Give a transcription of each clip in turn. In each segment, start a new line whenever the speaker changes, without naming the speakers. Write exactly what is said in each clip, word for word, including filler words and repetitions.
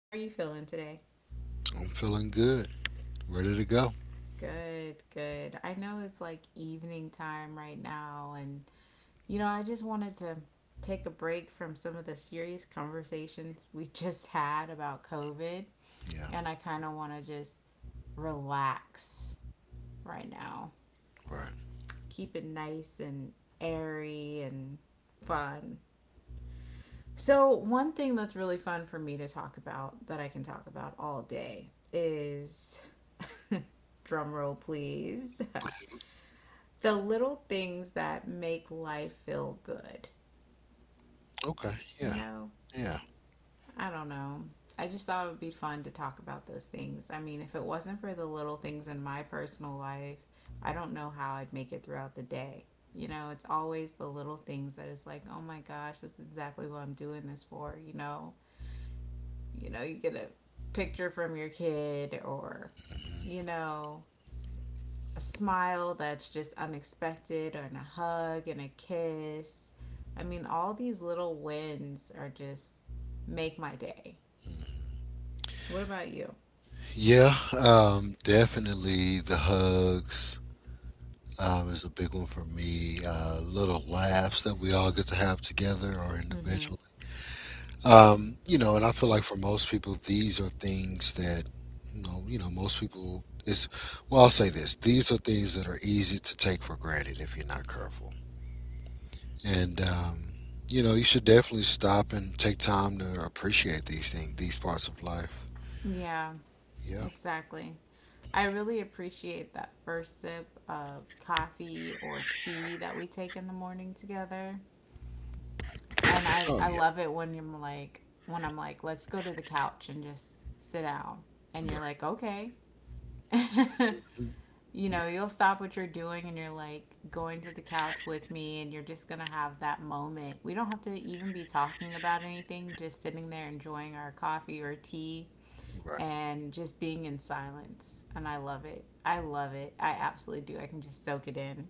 How are you feeling today?
I'm feeling good. Ready to go.
Good, good. I know it's like evening time right now, and you know, I just wanted to take a break from some of the serious conversations we just had about COVID,
Yeah.
and I kind of want to just relax right now.
Right.
Keep it nice and airy and fun. So, one thing that's really fun for me to talk about that I can talk about all day is drum roll, please. The little things that make life feel good.
Okay.
You
Yeah.
know,
Yeah.
I don't know. I just thought it would be fun to talk about those things. I mean, if it wasn't for the little things in my personal life, I don't know how I'd make it throughout the day. You know, it's always the little things that is like, oh my gosh, that's exactly what I'm doing this for, you know? You know, you get a picture from your kid or, you know, a smile that's just unexpected and a hug and a kiss. I mean, all these little wins are just make my day. What about you?
Yeah. Um, definitely the hugs um, is a big one for me. Uh, little laughs that we all get to have together or
Mm-hmm.
individually. Um, you know, and I feel like for most people, these are things that, you know, you know most people is, well, I'll say this. These are things that are easy to take for granted if you're not careful. And um, You know, you should definitely stop and take time to appreciate these things, these parts of life.
Yeah,
Yeah.
exactly. I really appreciate that first sip of coffee or tea that we take in the morning together. And I
Oh
I
yeah.
love it when you're like, when I'm like, let's go to the couch and just sit down, and you're
Right.
like, okay. You know
Yeah.
you'll stop what you're doing and you're like going to the couch with me and you're just gonna have that moment. We don't have to even be talking about anything, just sitting there enjoying our coffee or tea
Right.
and just being in silence. And I love it, I love it, I absolutely do. I can just soak it in.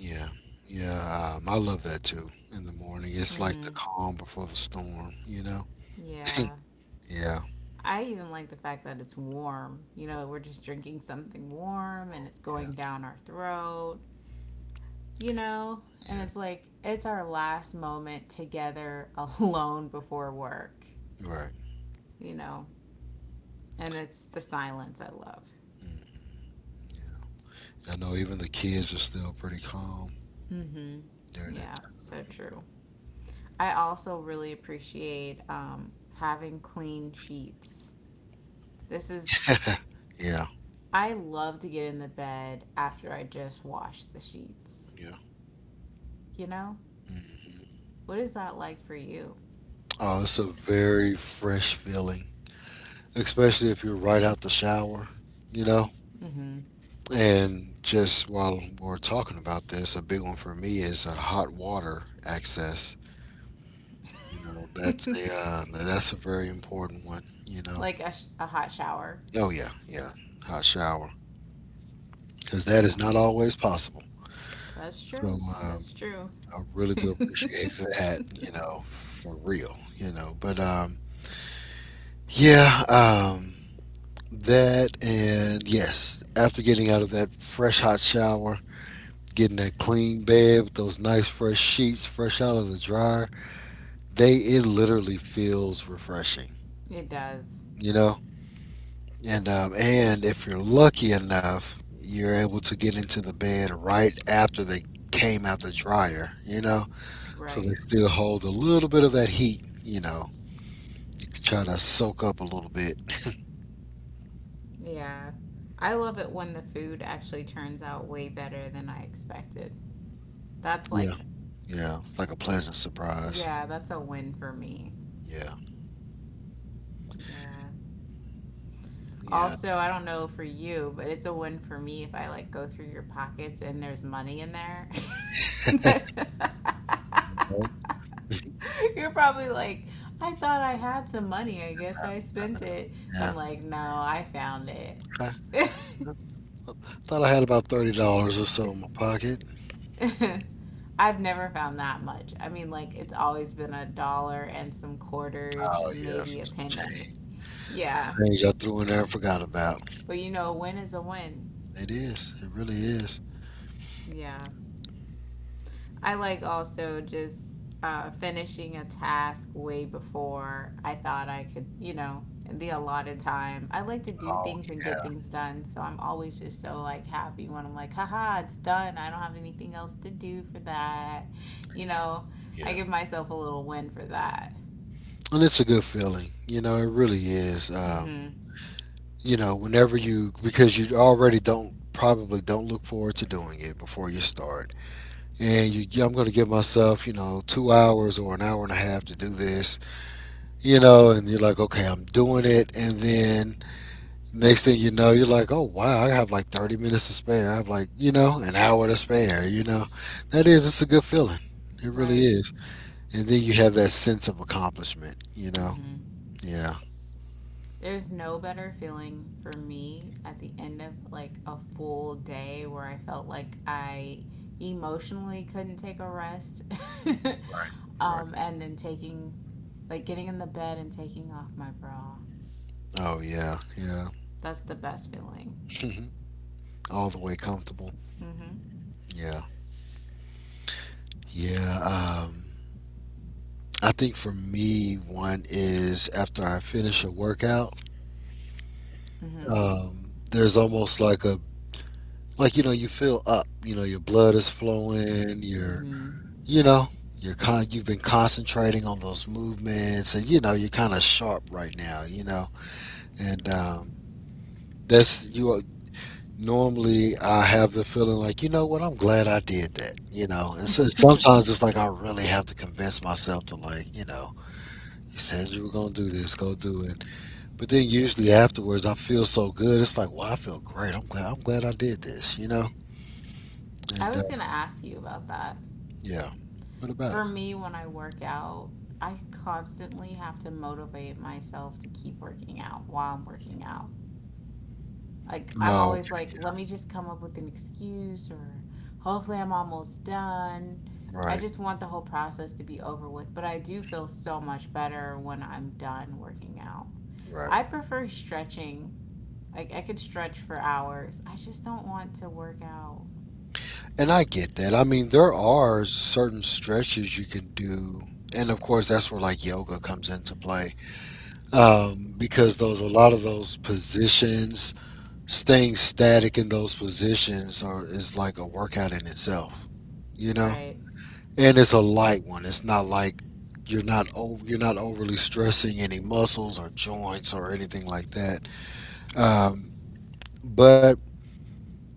Yeah. Yeah. Um, I love that too. In the morning, it's like the
Mm-hmm.
calm before the storm. You know.
Yeah,
yeah.
I even like the fact that it's warm. You know, we're just drinking something warm and
Or-
it's
Yeah.
going down our throat, you know? And it's like, it's our last moment together alone before work,
Yeah. Right.
you know? And it's the silence I love.
Mm, yeah. I know even the kids are still pretty calm
Mm hmm.
during that
Yeah,
time.
so true. I also really appreciate um, having clean sheets. This is,
Yeah.
I love to get in the bed after I just wash the sheets,
Yeah.
you know?
Hmm.
What is that like for you?
Oh, it's a very fresh feeling, especially if you're right out the shower, you know.
Mm-hmm.
And just while we're talking about this, a big one for me is uh, hot water access. You know, that's a uh, that's a very important one. You know,
Like a, sh- a hot shower.
oh yeah, yeah, hot shower, because that
Yeah.
is not always possible.
That's
So
true.
um,
That's true.
I really do appreciate
It
that. You know, for real. You know, but um, yeah, um, that and yes, after getting out of that fresh hot shower, getting that clean bed with those nice fresh sheets fresh out of the dryer, they it literally feels refreshing,
does.
you know. And um, and if you're lucky enough, you're able to get into the bed right after they came out the dryer, you know, so they
Right.
still hold a little bit of that heat, you know. You can try to soak up a little bit.
Yeah. I love it when the food actually turns out way better than I expected. That's
Yeah.
like,
Yeah, it's like a pleasant surprise.
yeah, that's a win for me.
Yeah.
Yeah.
Yeah.
Also, I don't know for you, but it's a win for me if I like go through your pockets and there's money in there.
Right?
You're probably like, I thought I had some money. I guess I spent it.
Yeah.
I'm like, no, I found it.
i I thought I had about thirty dollars or so in my pocket.
I've never found that much. I mean, like, it's always been a dollar and some quarters
Oh
and
yes,
maybe a
it's some
penny.
change.
Yeah.
Change I threw in there and forgot about.
But you know, a win is a win.
It is. It really is.
Yeah. I like also just uh, finishing a task way before I thought I could, you know, in the allotted time. I like to do
Oh
things and get
yeah,
things done. So I'm always just so like happy when I'm like, haha, it's done. I don't have anything else to do for that. You know, I
yeah.
give myself a little win for that.
And it's a good feeling. You know, it really is.
Mm
Um,
hmm.
you know, whenever you because you already don't probably don't look forward to doing it before you start, and you yeah, I'm going to give myself, you know, two hours or an hour and a half to do this. You know, and you're like, okay, I'm doing it, and then next thing you know, you're like, oh wow, I have like thirty minutes to spare. I have like, you know, an hour to spare. You know, that is, it's a good feeling. It really
Right.
is. And then you have that sense of accomplishment. You
Mm
know,
hmm.
yeah,
There's no better feeling for me at the end of like a full day where I felt like I emotionally couldn't take a rest.
right, right.
Um, and then taking, like, getting in the bed and taking off my bra.
Oh yeah, yeah.
That's the best feeling.
All the way comfortable.
Mm-hmm.
Yeah, yeah. Um, I think for me, one is after I finish a workout.
Mm-hmm.
Um, there's almost like a like you know, you feel up. You know, your blood is flowing. Your you know You're con- you've been concentrating on those movements, and you know, you're kind of sharp right now, you know. And um, that's you are- Normally I have the feeling like, you know what, I'm glad I did that, you know. And So,
Mm-hmm.
sometimes it's like I really have to convince myself to, like, you know, you said you were going to do this, go do it. But then usually afterwards I feel so good, it's like, well, I feel great, i'm glad I'm glad I did this, you know.
I
And uh,
was gonna ask you about that.
Yeah, what about
For
it?
me, when I work out, I constantly have to motivate myself to keep working out while I'm working out. Like I'm
Oh,
always
okay.
like, let me just come up with an excuse or hopefully I'm almost done. I
right
just want the whole process to be over with, but I do feel so much better when I'm done working out.
right.
I prefer stretching. Like I could stretch for hours. I just don't want to work out.
And I get that. I mean, there are certain stretches you can do. And of course, that's where like yoga comes into play. Um, because those, a lot of those positions, staying static in those positions are, is like a workout in itself, you know?
Right.
And it's a light one. It's not like you're not over, you're not overly stressing any muscles or joints or anything like that. Um, but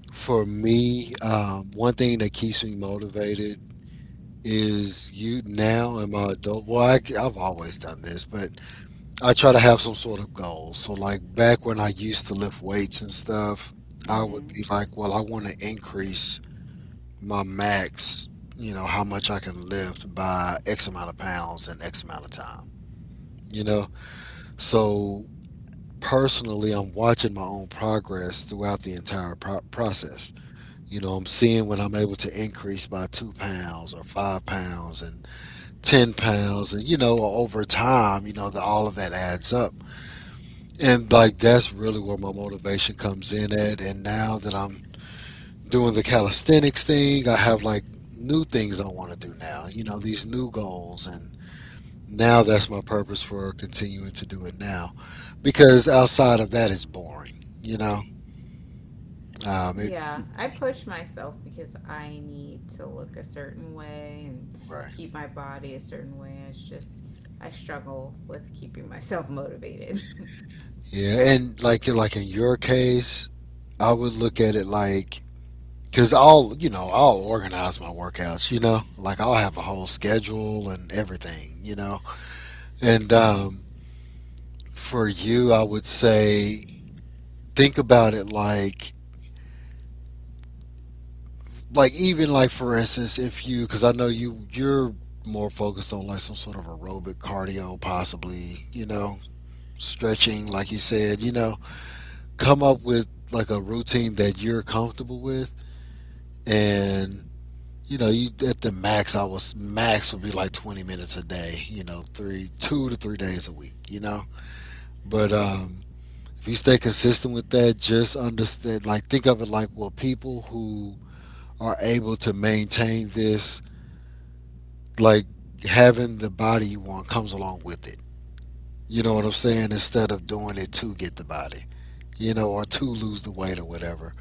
for me, um, one thing that keeps me motivated is you now am I adult? Well, I, have always done this, but I try to have some sort of goal. So, like back when I used to lift weights and stuff, I would
Mm-hmm.
be like, well, I want to increase my max, you know, how much I can lift by X amount of pounds in X amount of time, you know? So, personally, I'm watching my own progress throughout the entire pro- process. You know, I'm seeing when I'm able to increase by two pounds or five pounds, and ten pounds, and you know, over time, you know, the, all of that adds up. And like, that's really where my motivation comes in at. And now that I'm doing the calisthenics thing, I have like new things I want to do now, you know, these new goals. And now that's my purpose for continuing to do it now, because outside of that it's boring, you know. Um it
Yeah, I push myself because I need to look a certain way and
Right.
keep my body a certain way. It's just I struggle with keeping myself motivated.
Yeah. and like like in your case, I would look at it like, Cause I'll, you know, I'll organize my workouts. You know, like I'll have a whole schedule and everything. You know, and um, For you, I would say think about it like, like even like, for instance, if you, because I know you, you're more focused on like some sort of aerobic cardio, possibly. You know, stretching, like you said. You know, come up with like a routine that you're comfortable with. And you know, you at the max, I was max would be like twenty minutes a day, you know, three, two to three days a week, you know. But um, if you stay consistent with that, just understand, like, think of it like, well, people who are able to maintain this, like, having the body you want comes along with it. You know what I'm saying? Instead of doing it to get the body, you know, or to lose the weight or whatever.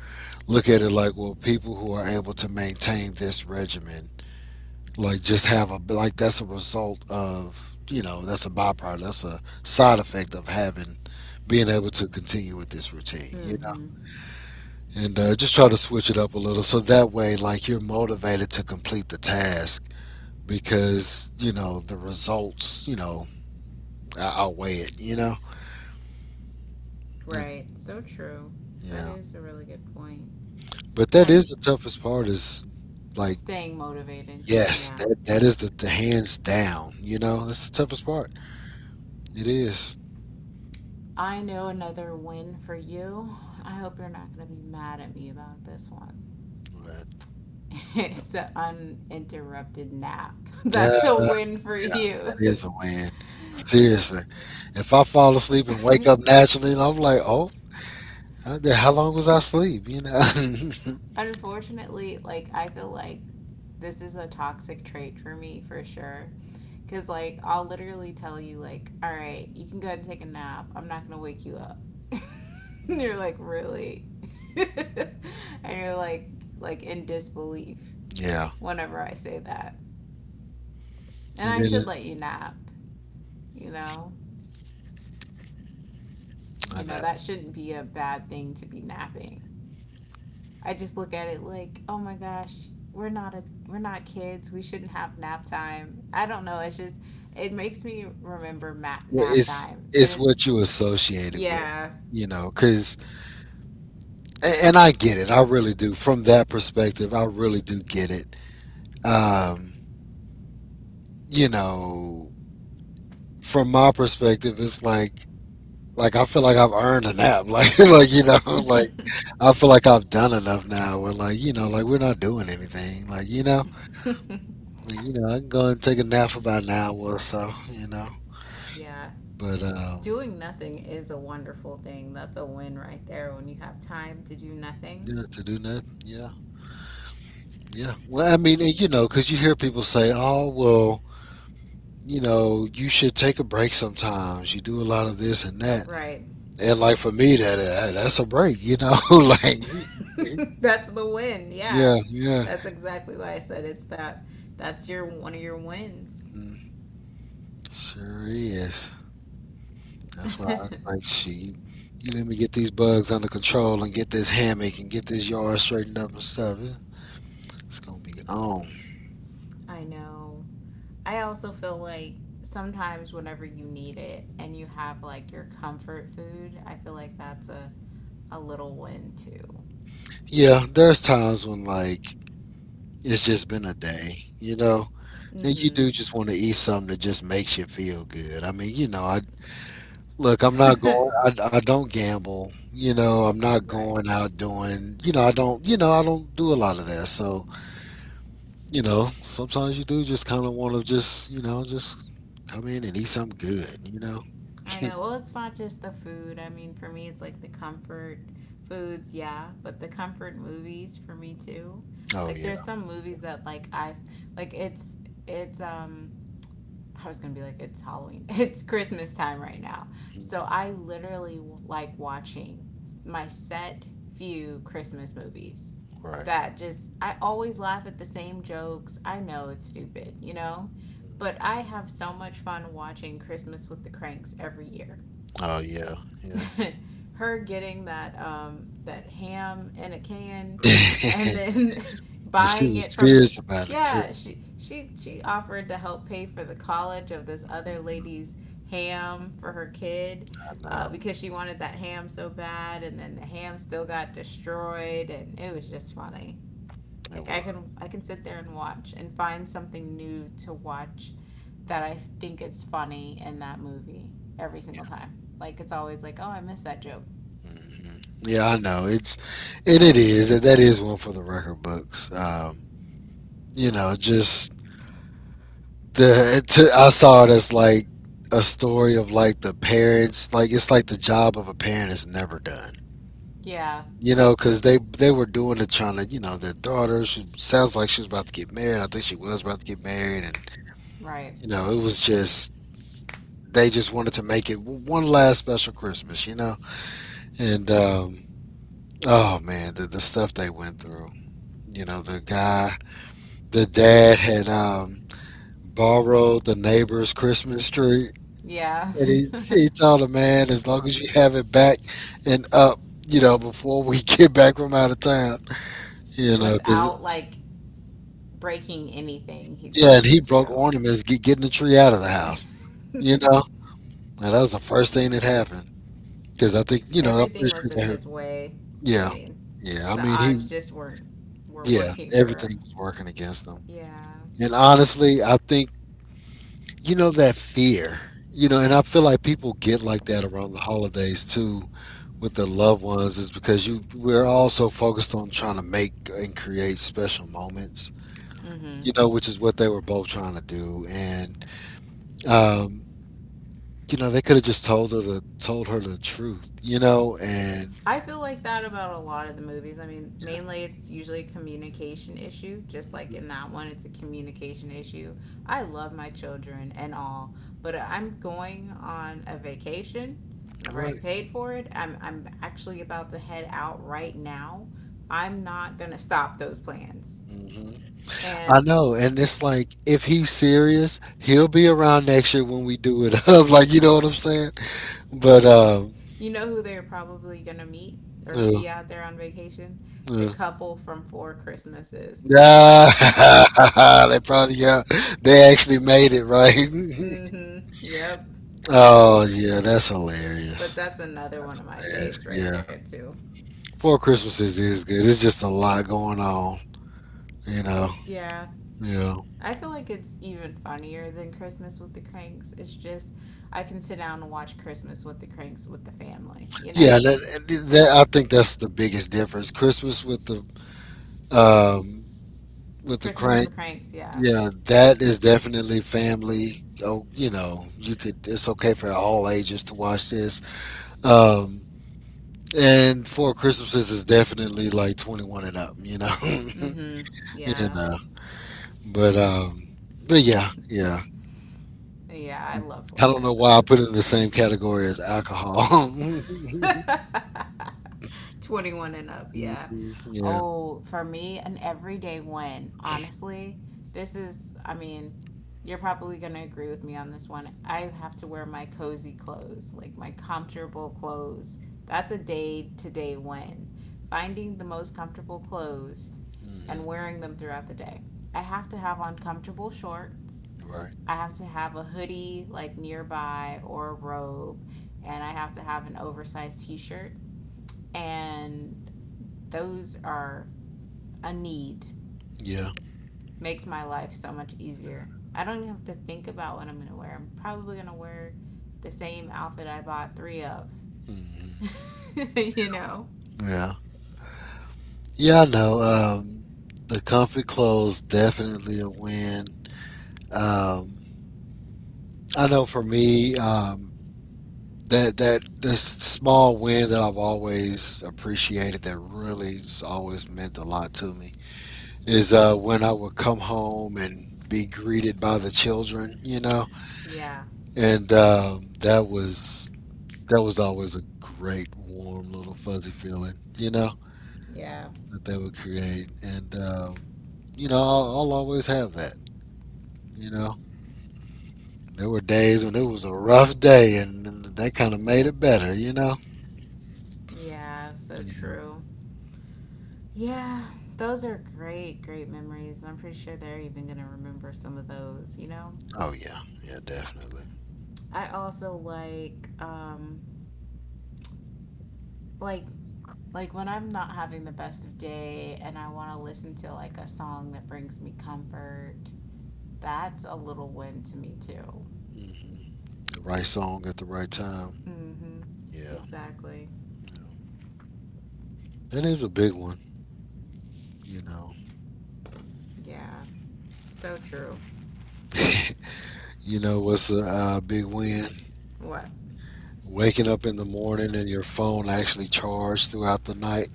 Look at it like, well, people who are able to maintain this regimen, like, just have a like that's a result of, you know, that's a byproduct, that's a side effect of having, being able to continue with this routine, you know.
Mm-hmm.
And uh, Just try to switch it up a little, so that way, like, you're motivated to complete the task, because you know the results, you know, out- outweigh it, you know. That-
Right. So true. That
yeah,
is a really good point.
but that
I
is the toughest part, is like,
staying motivated.
yes,
Yeah.
that that is the, the hands down, you know, that's the toughest part. It is,
I know another win for you. I hope you're not going to be mad at me about this one.
but
It's an uninterrupted nap. That's
yeah,
a win for
that
you.
is a win. Seriously. If I fall asleep and wake up naturally, and I'm like, oh, how the- how long was I asleep? You know?
Unfortunately, like I feel like this is a toxic trait for me for sure. Cause like I'll literally tell you like, all right, you can go ahead and take a nap. I'm not gonna wake you up. And you're like, really? And you're like, like in disbelief
Yeah.
whenever I say that. And
And
I
then
should let
uh,
you nap, you know?
I
You know,
know.
that shouldn't be a bad thing to be napping. I just look at it like, oh my gosh, we're not a we're not kids. We shouldn't have nap time. I don't know. It's just it makes me remember ma-
Well,
nap
It's
time, and
it's
it
what you associate it with,
yeah,
you know, because, and I get it. I really do. From that perspective, I really do get it. Um, you know, from my perspective, it's like like I feel like I've earned a nap. Like like you know, like I feel like I've done enough now where, like, you know, like we're not doing anything. Like, you know, like, you know, I can go and take a nap for about an hour or so, you know.
yeah.
But um
Doing nothing is a wonderful thing. That's a win right there when you have time to do nothing.
yeah, to do nothing. Yeah. Yeah. Well, I mean, and, you know, cuz you hear people say, "Oh, well, you know, you should take a break sometimes. You do a lot of this and that."
Right.
And like, for me, that uh, hey, that's a break, you know, like
That's the win.
yeah,
Yeah.
yeah.
That's exactly why I said it's that that's your one of your wins.
Mm, sure is. That's why I was like, shit, you let me get these bugs under control and get this hammock and get this yard straightened up and stuff. it- It's gonna be on.
I know. I also feel like sometimes whenever you need it and you have like your comfort food, I feel like that's a a little win too.
Yeah, there's times when, like, it's just been a day, you know, and you do
Mhm.
just want to eat something that just makes you feel good. I mean, you know, I look, I'm not going. I, I don't gamble. You know, I'm not
Right.
going out doing. You know, I don't. You know, I don't do a lot of that. So, you know, sometimes you do just kind of want to just, you know, just come in and eat something good. You know.
I know. Well, it's not just the food. I mean, for me, it's like the comfort foods, yeah, but the comfort movies for me too.
Oh
Like, there's
yeah.
some movies that like I've like it's it's um I was gonna be like it's Halloween, it's Christmas time right now,
Mhm.
so I literally like watching my set few Christmas movies
Right.
that just I always laugh at the same jokes. I know it's stupid, you know, but I have so much fun watching Christmas with the Cranks every year.
Oh yeah. Yeah.
Her getting that um that ham in a can and
And
then
she
buying it
was
from the,
serious about it too.
yeah, she she she offered to help pay for the college of this other
Mhm.
lady's ham for her kid
I
uh,
know.
because she wanted that ham so bad and then the ham still got destroyed and it was just funny.
It
Like i
was.
can i can sit there and watch and find something new to watch that I think it's funny in that movie every single
Yeah.
time. Like it's always like, oh, I missed that joke.
Hmm. Yeah, I know. It's It it is, that that is one for the record books. Um, you know, just the to, I saw it as like a story of like the parents. Like it's like the job of a parent is never done.
Yeah,
You know, because they they were doing it trying to, you know, their daughter. She sounds like she was about to get married. I think she was about to get married.
right.
You know, it was just they just wanted to make it w- one last special Christmas, you know? And um oh man, the the stuff they went through. You know, the guy, the dad had um borrowed the neighbor's Christmas tree
Yeah.
and he he told the man, as long as you have it back and up, you know, before we get back from out of town, you know, cuz
Without like breaking anything, he
yeah,
told
and
him
he broke ornaments get, getting the tree out of the house,
to.
you know? And that was the first thing that happened. Because I think, you know, I'm
Everything
pretty
was in
sure.
his way. I
Yeah.
mean,
Yeah. I
the
mean,
odds
he,
just weren't were
yeah,
working for
everything
him.
was working against him.
Yeah.
And honestly, I think, you know, that fear, you know, and I feel like people get like that around the holidays too with their loved ones is because you, we're all so focused on trying to make and create special moments,
Mm-hmm.
you know, which is what they were both trying to do. And, um, you know, they could have just told her the told her the truth, you know, and
I feel like that about a lot of the movies. I mean, mainly it's usually a communication issue, just like in that one, it's a communication issue. I love my children and all, but I'm going on a vacation and I've already
right.
paid for it. I'm, I'm actually about to head out right now. I'm not going to stop those plans.
Mm-hmm. I
And
know, and it's like if he's serious, he'll be around next year when we do it up. Like you know what I'm saying? But um,
you know who they're probably going to meet or
yeah,
see out there on vacation? The
yeah.
couple from Four Christmases.
Yeah, they probably yeah, they actually made it right.
Mm-hmm. Yep.
Oh yeah, that's
But
hilarious.
that's another one of my faves
That's-
right
yeah,
there too.
Four Christmases is good. It's just a lot going on, you know.
Yeah.
Yeah,
I feel like it's even funnier than Christmas with the Cranks. It's just I can sit down and watch Christmas with the Cranks with the family, you
yeah.
know.
That, that I think that's the biggest difference. Christmas with the um with the
Christmas with
crank.
the Cranks, yeah.
Yeah, that is definitely family. Oh, you know, you could. It's okay for all ages to watch this. Um, and Four Christmases is definitely like twenty one and up. You know, you
Mhm. Yeah.
know. But um, but yeah, yeah.
Yeah, I love
I
Four
don't know why I put it
Christmases.
in the same category as alcohol.
twenty-one and up, yeah.
Mhm. Yeah.
Oh, for me, an everyday one. Honestly, this is, I mean, you're probably going to agree with me on this one. I have to wear my cozy clothes, like my comfortable clothes. That's a day to day win. Finding the most comfortable clothes and
Hmm.
wearing them throughout the day. I have to have on comfortable shorts.
Right.
I have to have a hoodie like nearby or a robe, and I have to have an oversized t shirt. And those are a need.
Yeah.
Makes my life so much easier. I don't even have to think about what I'm going to wear. I'm probably going to wear the same outfit I bought three of.
Hmm.
You know?
Yeah. Yeah. I know. Um, the comfy clothes definitely a win. Um, I know for me, um, that that this small win that I've always appreciated that really's always meant a lot to me is uh, when I would come home and be greeted by the children, you know,
Yeah.
and um, that was that was always a great warm little fuzzy feeling, you know,
Yeah.
that they would create, and um, you know I'll, I'll always have that, you know. There were days when it was a rough day, and, and they kind of made it better, you know.
Yeah. So
Yeah.
true. Yeah. Those are great, great memories. I'm pretty sure they're even going to remember some of those, you know?
Oh yeah, yeah, definitely.
I also like um like like when I'm not having the best of day and I want to listen to like a song that brings me comfort. That's a little win to me too.
Hmm. The right song at the right time.
Mhm.
Yeah,
Exactly.
you know, that is a big one. You know,
Yeah. So true.
you know what's a uh, big win?
What?
Waking up in the morning and your phone actually charged throughout the night.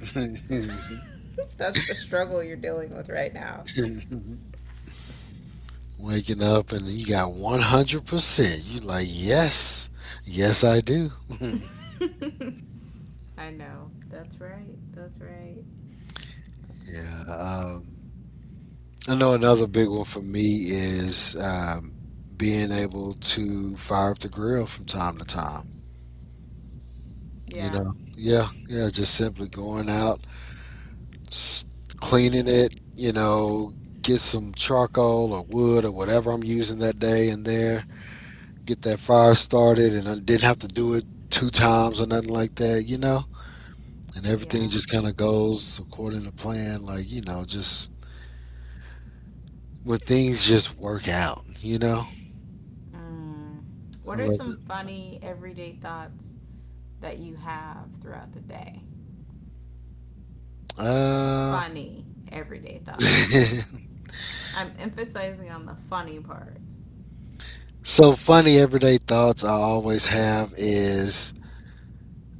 That's the struggle you're dealing with right now.
Waking up and you got one hundred percent. You like yes, yes I do.
I know. That's right. That's right.
Yeah. Um, I know another big one for me is um, being able to fire up the grill from time to time. You
Yeah.
know, yeah, yeah, just simply going out, s- cleaning it. You know, get some charcoal or wood or whatever I'm using that day in there. Get that fire started, and I didn't have to do it two times or nothing like that. You know, and everything
Yeah.
just kind of goes according to plan. Like you know, just when things just work out. You know,
Mm.
I
What are
love
some
that feeling.
funny everyday thoughts that you have throughout the day?
Uh,
Funny everyday thoughts. I'm emphasizing on the funny part.
so funny everyday thoughts I always have is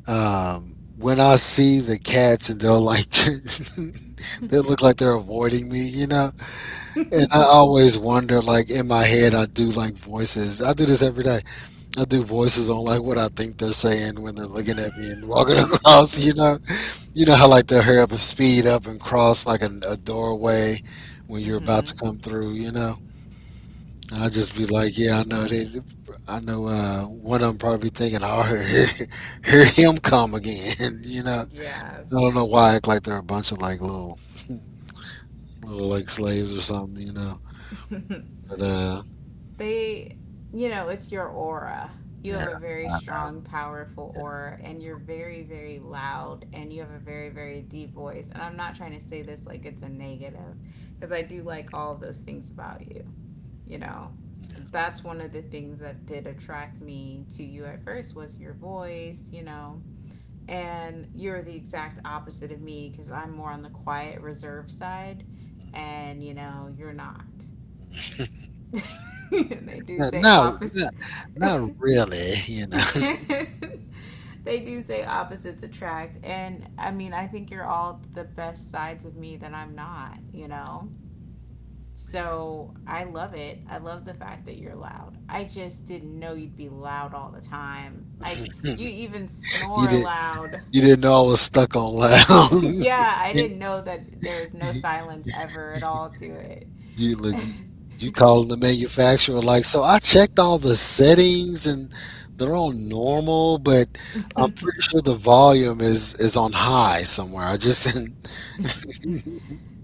um, when I see the cats and they'll like they look like they're avoiding me, you know. And I
Mm-hmm.
always wonder, like in my head, I do like voices. I do this every day. I do voices on like what I think they're saying when they're looking at me and walking across, you know. You know how like they'll hurry up and speed up and cross like a, a doorway when you're about to come through, you know. I'll just be like, yeah, I know they. I know uh, one of them probably thinking, oh, here, here here him come again. You know, I
Yeah.
don't know why I act like they're a bunch of like little, little like slaves or something. You know, but uh,
they, you know, it's your aura. You have
yeah,
a very
no,
strong, powerful
yeah.
aura, and you're very, very loud, and you have a very, very deep voice. And I'm not trying to say this like it's a negative, because I do like all of those things about you. You know That's one of the things that did attract me to you at first was your voice you know And you're the exact opposite of me because I'm more on the quiet reserve side, and you know you're not. And they do
No,
say
no, not
opposite.
not really. You know,
They do say opposites attract, and I mean I think you're all the best sides of me that I'm not you know So I love it. I love the fact that you're loud. I just didn't know you'd be loud all the time. Like, you even
you
snore
did,
loud.
you didn't know I was stuck on loud.
Yeah, I didn't know that there was no silence ever at all to it.
You look, you, you calling the manufacturer like, so I checked all the settings and they're on normal, but I'm pretty sure the volume is is on high somewhere. I just,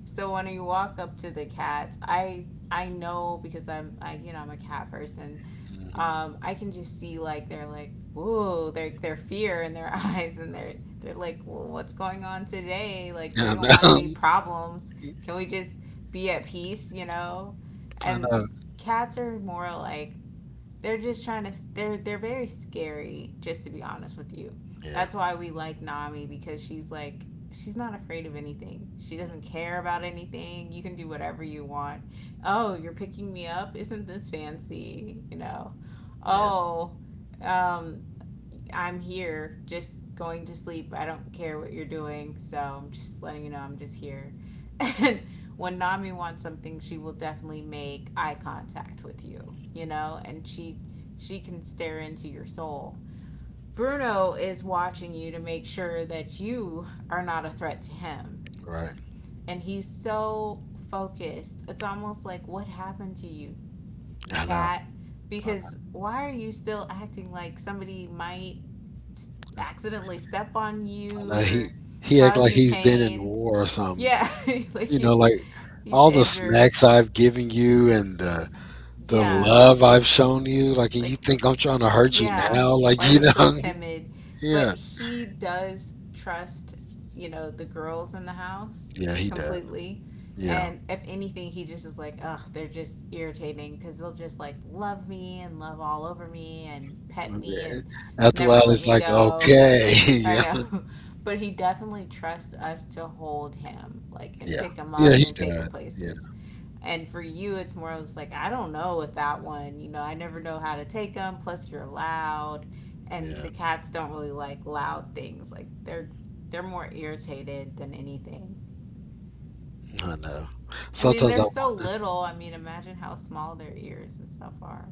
So when you walk up to the cats, I I know, because I'm I you know I'm a cat person.
Mhm.
um, I can just see, like, they're like, whoa, their their fear in their eyes, and they're they're like, well, what's going on today? Like, we
Yeah,
don't
I
want
know,
any problems. Can we just be at peace? You know,
I
and
know,
cats are more like, they're just trying to they're they're very scary, just to be honest with you.
yeah.
That's why we like Nami, because she's like, she's not afraid of anything, she doesn't
Mm,
care about anything, you can do whatever you want. Oh, you're picking me up, isn't this fancy you know
yeah,
Oh, um I'm here, just going to sleep. I don't care what you're doing, so I'm just letting you know I'm just here. And when Nami wants something, she will definitely make eye contact with you, you know, and she she can stare into your soul. Bruno is watching you to make sure that you are not a threat to him.
right.
And he's so focused. It's almost like, what happened to you,
I know,
cat?
I know.
Because why are you still acting like somebody might accidentally step on
I
you
know. He
or
he act
cause
like
you
he's been in
pain.
war or something.
Yeah. Like,
You know,
he's
like
he's
all the
injured.
snacks I've given you and the the
Yeah,
love I've shown you. Like, and you
like,
think I'm trying to hurt you
yeah,
now? Like,
why are
you
you still
know,
timid?
yeah.
But he does trust, you know, the girls in the house
Yeah, he does.
completely.
Yeah.
And if anything, he just is like, ugh, they're just irritating, because they'll just like love me and love all over me and pet me and
After a
never
while,
let
it's
me
like,
go.
okay.
I
Yeah.
know. But he definitely trusts us to hold him, like, and
Yeah.
pick him
Yeah, he
up and take
does.
him
Yeah.
places. And for you, it's more or less like, I don't know with that one. You know, I never know how to take him. Plus, you're loud. And
Yeah.
the cats don't really like loud things. Like, they're. They're more irritated than anything.
I know.
I mean,
Sometimes I
they're so
wonder.
little. I mean, imagine how small their ears and stuff are.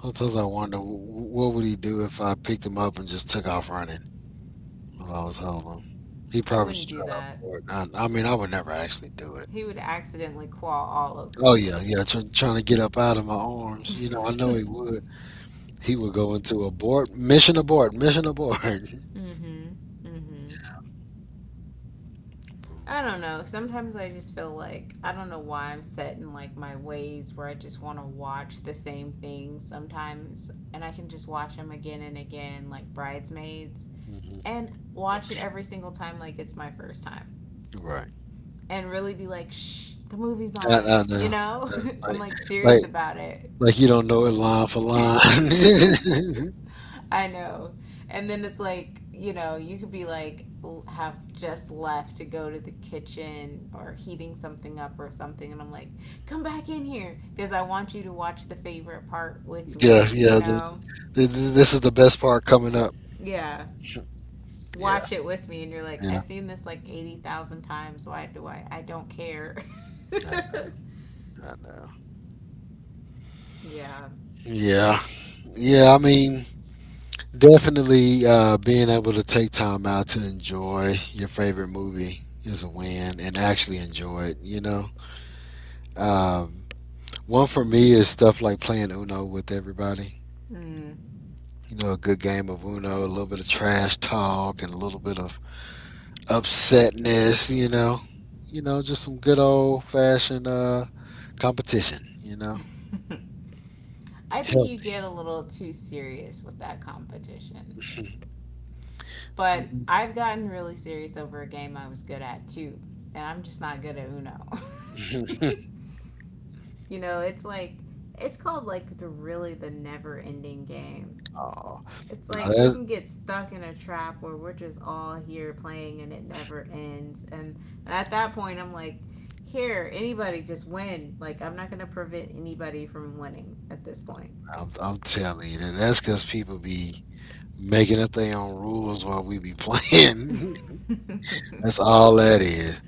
Sometimes I wonder, wh- wh- what would he do if I picked him up and just took off running while I was holding him? He
I
probably
wouldn't
just
do
try to
that.
abort. I, I mean, I would never actually do it.
He would accidentally claw all over
Oh yeah, yeah. Try trying to get up out of my arms. You know, I know
you.
he would. He would go into abort. Mission abort. Mission abort.
Mm hmm. Mm hmm. I don't know. Sometimes I just feel like, I don't know why I'm set in like my ways, where I just want to watch the same things sometimes and I can just watch them again and again, like Bridesmaids,
Mhm.
and watch it every single time like it's my first time,
Right.
and really be like, "Shh, the movie's
I, I know.
on."
I
You
know.
know?
Like,
I'm like
like,
serious about it.
like you don't know it line for line.
I know. And then it's like, you know, you could be like, have just left to go to the kitchen or heating something up or something. And I'm like, come back in here because I want you to watch the favorite part with
Yeah,
me,
yeah.
you
The,
know?
the, this is the best part coming up.
Yeah.
Yeah,
Watch it with me. And you're like,
yeah.
I've seen this like eighty thousand times. Why do I? I don't care.
I, I know.
Yeah.
Yeah, yeah. I mean, definitely uh, being able to take time out to enjoy your favorite movie is a win, and actually enjoy it. You know, um, one for me is stuff like playing Uno with everybody.
Mm.
You know, a good game of Uno, a little bit of trash talk, and a little bit of upsetness, you know. You know, just some good old fashioned uh, competition, you know.
I think you get
Healthy.
a little too serious with that competition. But
Um.
I've gotten really serious over a game I was good at too, and I'm just not good at Uno. You know, it's like, it's called, like, the really the never-ending game.
Aw.
It's
No,
like we
that-
can get stuck in a trap where we're just all here playing and it never ends. And, and at that point, I'm like, here, anybody just win. Like, I'm not going to prevent anybody from winning at this point.
I'm, I'm telling you, that that's because people be making up their own rules while we be playing. That's all that is,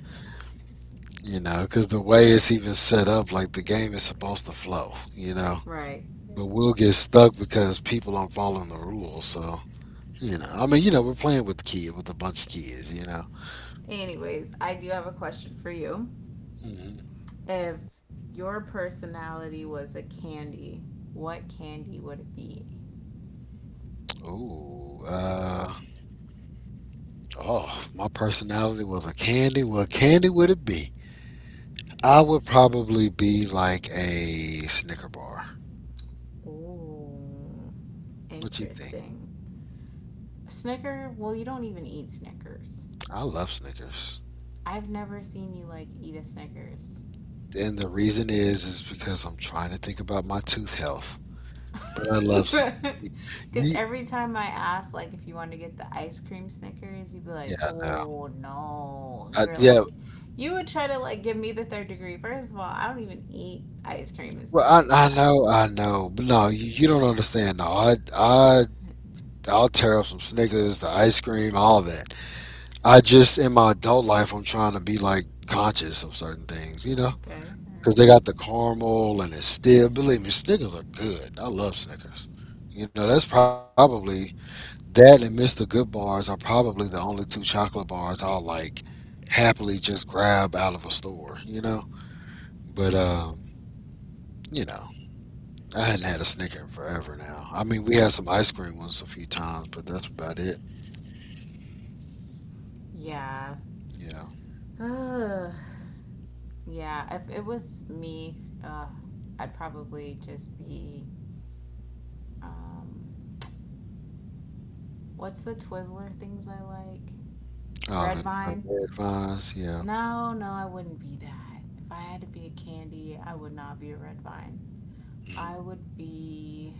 you know, because the way it's even set up, like the game is supposed to flow, you know.
Right.
But
Right.
we'll get stuck because people aren't following the rules. So, you know, I mean, you know, we're playing with kids, with a bunch of kids, you know.
Anyways, I do have a question for you.
Mhm.
If your personality was a candy, what candy would it be?
Ooh, uh, oh, if my personality was a candy. What candy would it be? I would probably be like a Snicker bar.
Ooh,
What you think?
interesting. Snicker? Well, you don't even eat Snickers.
I love Snickers.
I've never seen you like eat a Snickers.
And the reason is is because I'm trying to think about my tooth health. But I love Snickers.
Because
You,
every time I ask, like, if you want to get the ice cream Snickers, you'd be
yeah,
like,
I know.
oh no.
I,
You're
yeah,
like, you would try to, like, give me the third degree. First of all, I don't even eat ice cream and
well,
stuff like
I, I
that.
know, I know. But no, you, you don't understand. No, I, I, I'll tear up some Snickers, the ice cream, all that. I just in my adult life, I'm trying to be like conscious of certain things, you know,
Okay, all
because they
right.
got the caramel and it's still. Believe me, Snickers are good. I love Snickers. You know, that's probably that and mister Good bars are probably the only two chocolate bars I'll like happily just grab out of a store, you know. But um, you know, I hadn't had a Snicker in forever now. I mean, we had some ice cream ones a few times, but that's about it.
Yeah.
Yeah.
Uh, yeah, if it was me, uh, I'd probably just be um, what's the Twizzler things I like?
Oh, the
Red
the
vine?
red vines. Yeah.
No, no, I wouldn't be that. If I had to be a candy, I would not be a red vine. I
Mm-hmm.
would be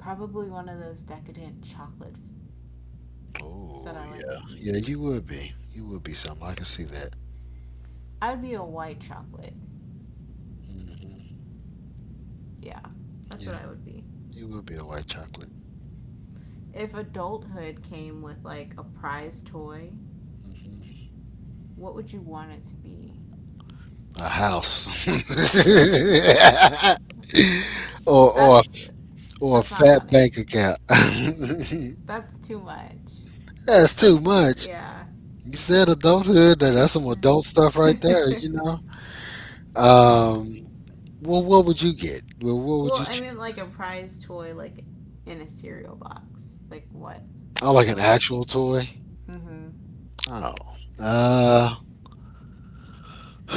probably one of those decadent chocolates that
Oh
I like
yeah,
to
yeah.
eat.
You would be. You would be something. I can see that.
I'd be a white chocolate.
Hmm.
Yeah, that's
Yeah,
what I would be.
you would be a white chocolate.
If adulthood came with like a prize toy,
Hmm.
what would you want it to be?
A house, or or
That's
or a
that's not
fat
funny.
bank account.
That's too much.
That's too much.
Yeah.
You said adulthood. That that's some adult stuff right there. You know. Um. Well, what would you get? Well, what would
Well,
you
I
choose?
mean like a prize toy like in a cereal box. Like, what?
Oh,
What
like an
toy?
actual toy?
Mm. Mhm.
Oh. Uh.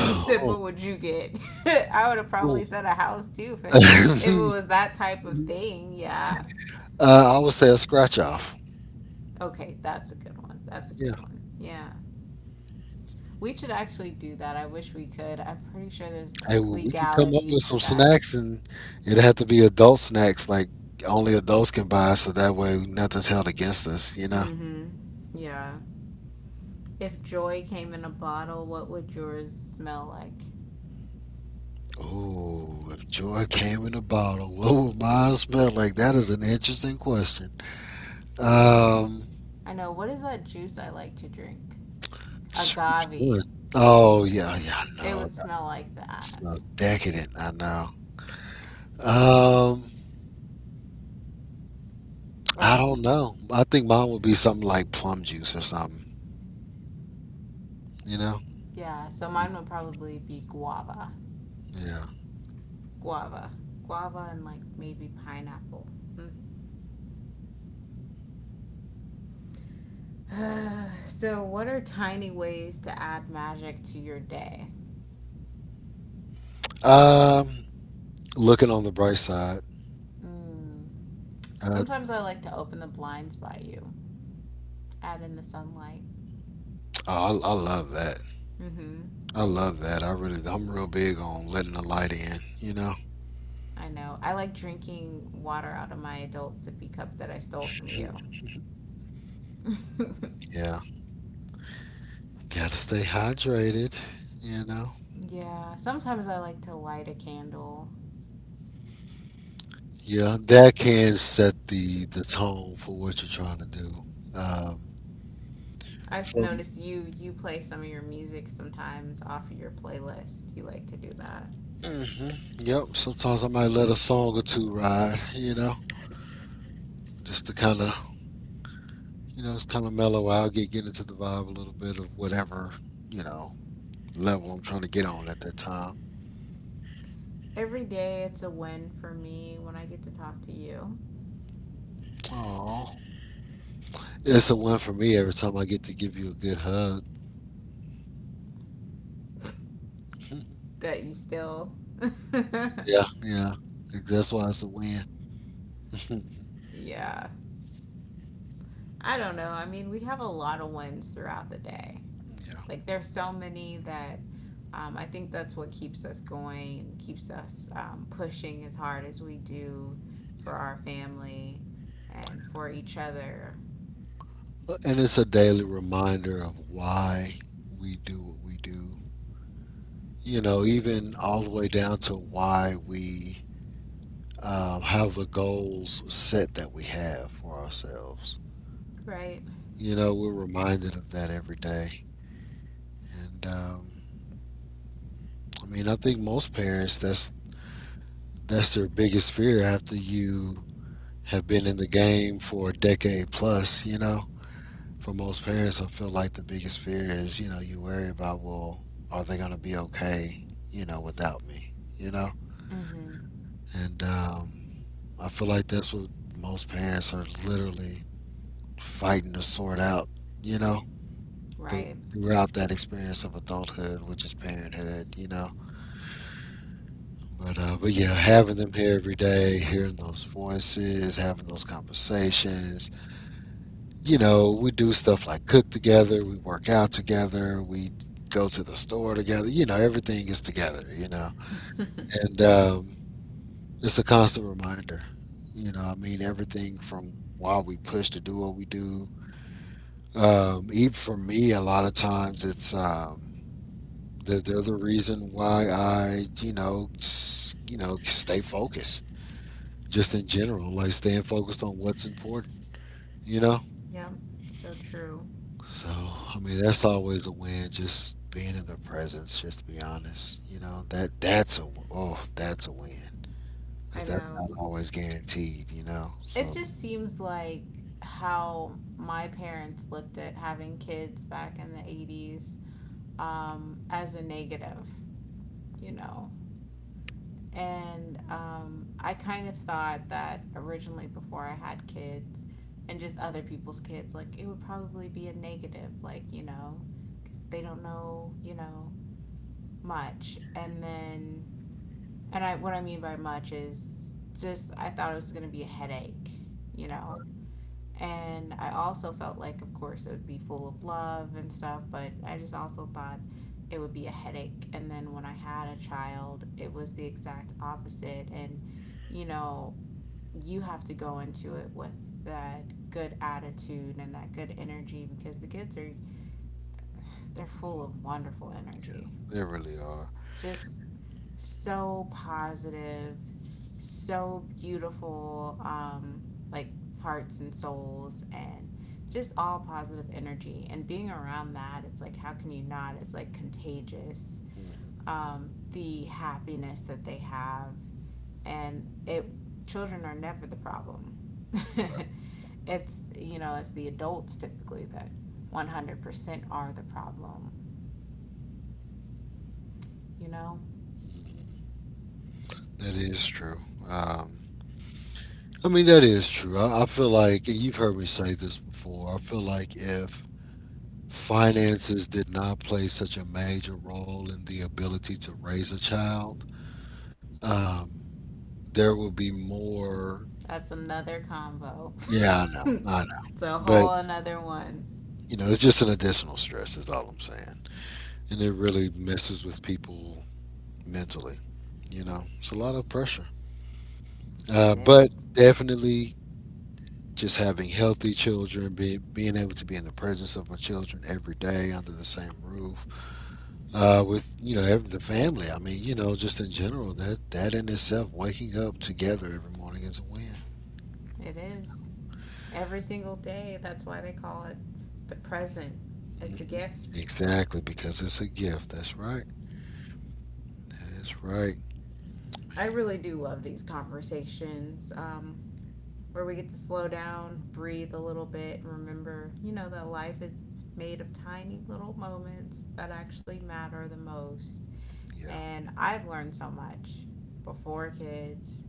You said what would you get? I would have probably
Ooh.
said a house too if it if it was that type of thing. Yeah.
Uh, I would say a scratch off.
Okay, that's a good one. That's a
Yeah.
good one. Yeah. We should actually do that. I wish we could. I'm pretty sure there's
Hey,
like
well, we could come up
legalities
with
to
some
that.
snacks, and it'd have to be adult snacks, like only adults can buy, so that way nothing's held against us, you know?
Mm. Mhm. Yeah. If joy came in a bottle, what would yours smell like?
Ooh, if joy came in a bottle, what would mine smell like? That is an interesting question. Um,
I know. What is that juice I like to drink?
s- which one?
Agave.
Oh yeah, yeah, I
It
know.
would
That
smell like that.
smells decadent. I know. Um, I
Or,
don't know. I think mine would be something like plum juice or something. You know?
yeah, so mine would probably be guava.
Yeah.
Guava. Guava and like maybe pineapple. Mm. So, what are tiny ways to add magic to your day?
Um, looking on the bright side,
Mm.
uh,
Sometimes I like to open the blinds by you, add in the sunlight.
oh, I, I love that.
Mm hmm.
I love that. I really, I'm real big on letting the light in. You know,
I know. I like drinking water out of my adult sippy cup that I stole from you.
yeah, gotta stay hydrated. You know,
Yeah, sometimes I like to light a candle.
yeah, that can set the the tone for what you're trying to do. Um,
I
from
notice you you play some of your music sometimes off of your playlist. You like to do that.
hmm yep, sometimes I might let a song or two ride. You know, just to kind of you know, it's kind of mellow out, get get into the vibe a little bit of whatever you know level I'm trying to get on at that time.
Every day it's a win for me when I get to talk to you.
Oh, it's a win for me every time I get to give you a good hug.
That you still
Yeah, yeah. Like, That's why it's a win. yeah,
yeah. I don't know. I mean, we have a lot of wins throughout the day. Like, there's so many that um, I think that's what keeps us going and keeps us um, pushing as hard as we do
yeah.
for our family and for each other.
And it's a daily reminder of why we do what we do. You know, even all the way down to why we um, have the goals set that we have for ourselves.
Right?
You know, we're reminded of that every day. And um, I mean, I think most parents that's that's their biggest fear after you have been in the game for a decade plus, you know. For most parents, I feel like the biggest fear is, you know, you worry about, well, are they going to be okay, you know, without me, you know?
Mm-hmm.
And um, I feel like that's what most parents are literally fighting to sort out, you know, through
Right.
throughout that experience of adulthood, which is parenthood, you know. But uh, but yeah, having them here every day, hearing those voices, having those conversations, you know, we do stuff like cook together, we work out together, we go to the store together. You know, everything is together, you know. And um, it's a constant reminder, you know, I mean, everything from why we push to do what we do. Um, even for me, a lot of times it's, um, they're, they're the reason why I, you know, s- you know, stay focused just in general, like staying focused on what's important, you know?
Yep. So true.
So, I mean, that's always a win. Just being in the presence, just to be honest, you know that that's a oh that's a win
I
because that's
know.
not always guaranteed, you know.
It
So
just seems like how my parents looked at having kids back in the eighties um, as a negative, you know, and um, I kind of thought that originally before I had kids, and just other people's kids, like, it would probably be a negative, like you know, because they don't know you know much, and then, and I what I mean by much is, just I thought it was gonna be a headache, you know, and I also felt like, of course, it would be full of love and stuff, but I just also thought it would be a headache. And then when I had a child, it was the exact opposite. And, you know, you have to go into it with that good attitude and that good energy, because the kids are they're full of wonderful energy,
they really are.
just so positive, so beautiful, um, like hearts and souls and just all positive energy. And being around that, it's like, how can you not? It's like contagious.
Mhm.
Um, the happiness that they have, and it children are never the problem. It's, you know, it's the adults typically that one hundred percent are the problem. You know,
That is true. Um, I mean, that is true. I, I feel like, and you've heard me say this before. I feel like if finances did not play such a major role in the ability to raise a child, um, there would be more.
that's another combo.
Yeah, I know. I know.
It's a
But
whole another one.
you know, it's just an additional stress, is all I'm saying. And it really messes with people mentally. You know, it's a lot of pressure. Uh,
It
but
is.
definitely just having healthy children, be, being able to be in the presence of my children every day under the same roof uh, with, you know, every the family. I mean, you know, just in general, that, that in itself, waking up together every morning is a win.
It
You
is. Every single day. That's why they call it the present.
know?
It's a
Hmm
gift.
Exactly, because it's a gift. That's right. That is right.
I
Man,
really do love these conversations, um, where we get to slow down, breathe a little bit, and remember, you know, that life is made of tiny little moments that actually matter the most.
yeah.
And I've learned so much before kids,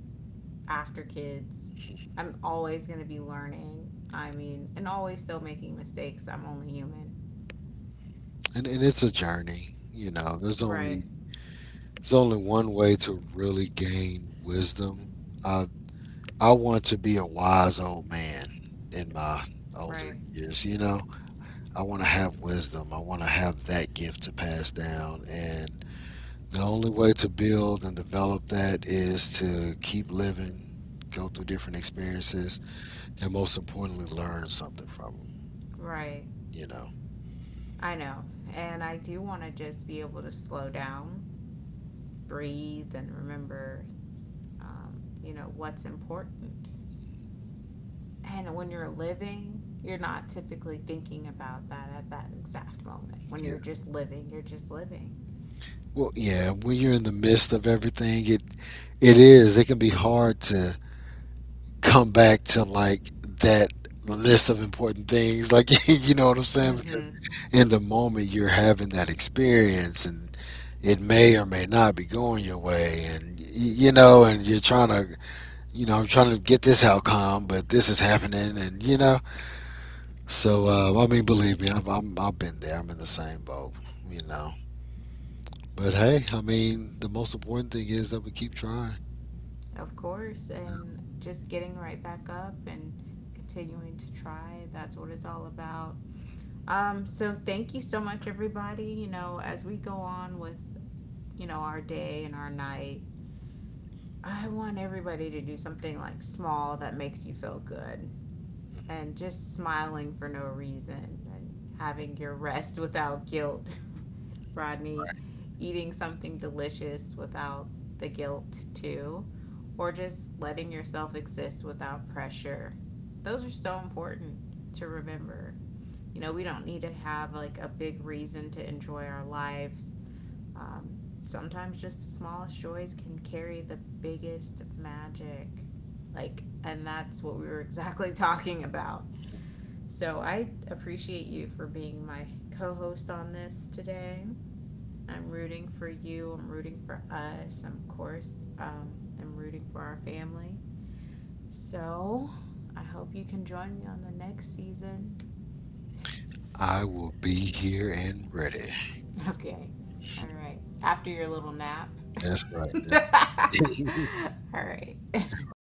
after kids. I'm always going to be learning. I mean, and always still making mistakes. I'm only human.
and, and it's a journey. You know, there's only
Right,
there's only one way to really gain wisdom. I I want to be a wise old man in my older
right.
years. You know, I want to have wisdom. I want to have that gift to pass down, and the only way to build and develop that is to keep living, go through different experiences, and most importantly, learn something from them.
Right.
You know,
I know. And I do want to just be able to slow down, breathe, and remember, um, you know, what's important. And when you're living, you're not typically thinking about that at that exact moment. When
yeah.
you're just living, you're just living.
Well, yeah. When you're in the midst of everything, it It is. It can be hard to come back to like that list of important things. Like, you know what I'm saying?
Mm-hmm.
Because in the moment you're having that experience, and it may or may not be going your way. And, y- you know, and you're trying to, you know, I'm trying to get this outcome, but this is happening. And, you know, so, uh, I mean, believe me, I've, I'm, I've been there. I'm in the same boat, you know. But hey, I mean, the most important thing is that we keep trying.
Of course. And just getting right back up and continuing to try. That's what it's all about. Um, so thank you so much, everybody. You know, as we go on with, you know, our day and our night, I want everybody to do something like small that makes you feel good, and just smiling for no reason, and having your rest without guilt, Rodney, eating something delicious without the guilt too, or just letting yourself exist without pressure. Those are so important to remember. You know, we don't need to have like a big reason to enjoy our lives, um, sometimes just the smallest joys can carry the biggest magic. Like, and that's what we were exactly talking about. So I appreciate you for being my co host on this today. I'm rooting for you. I'm rooting for us. Of course, um, I'm rooting for our family. So I hope you can join me on the next season.
I will be here and ready.
Okay. All right. After your little nap.
That's right. That's
All right.
right.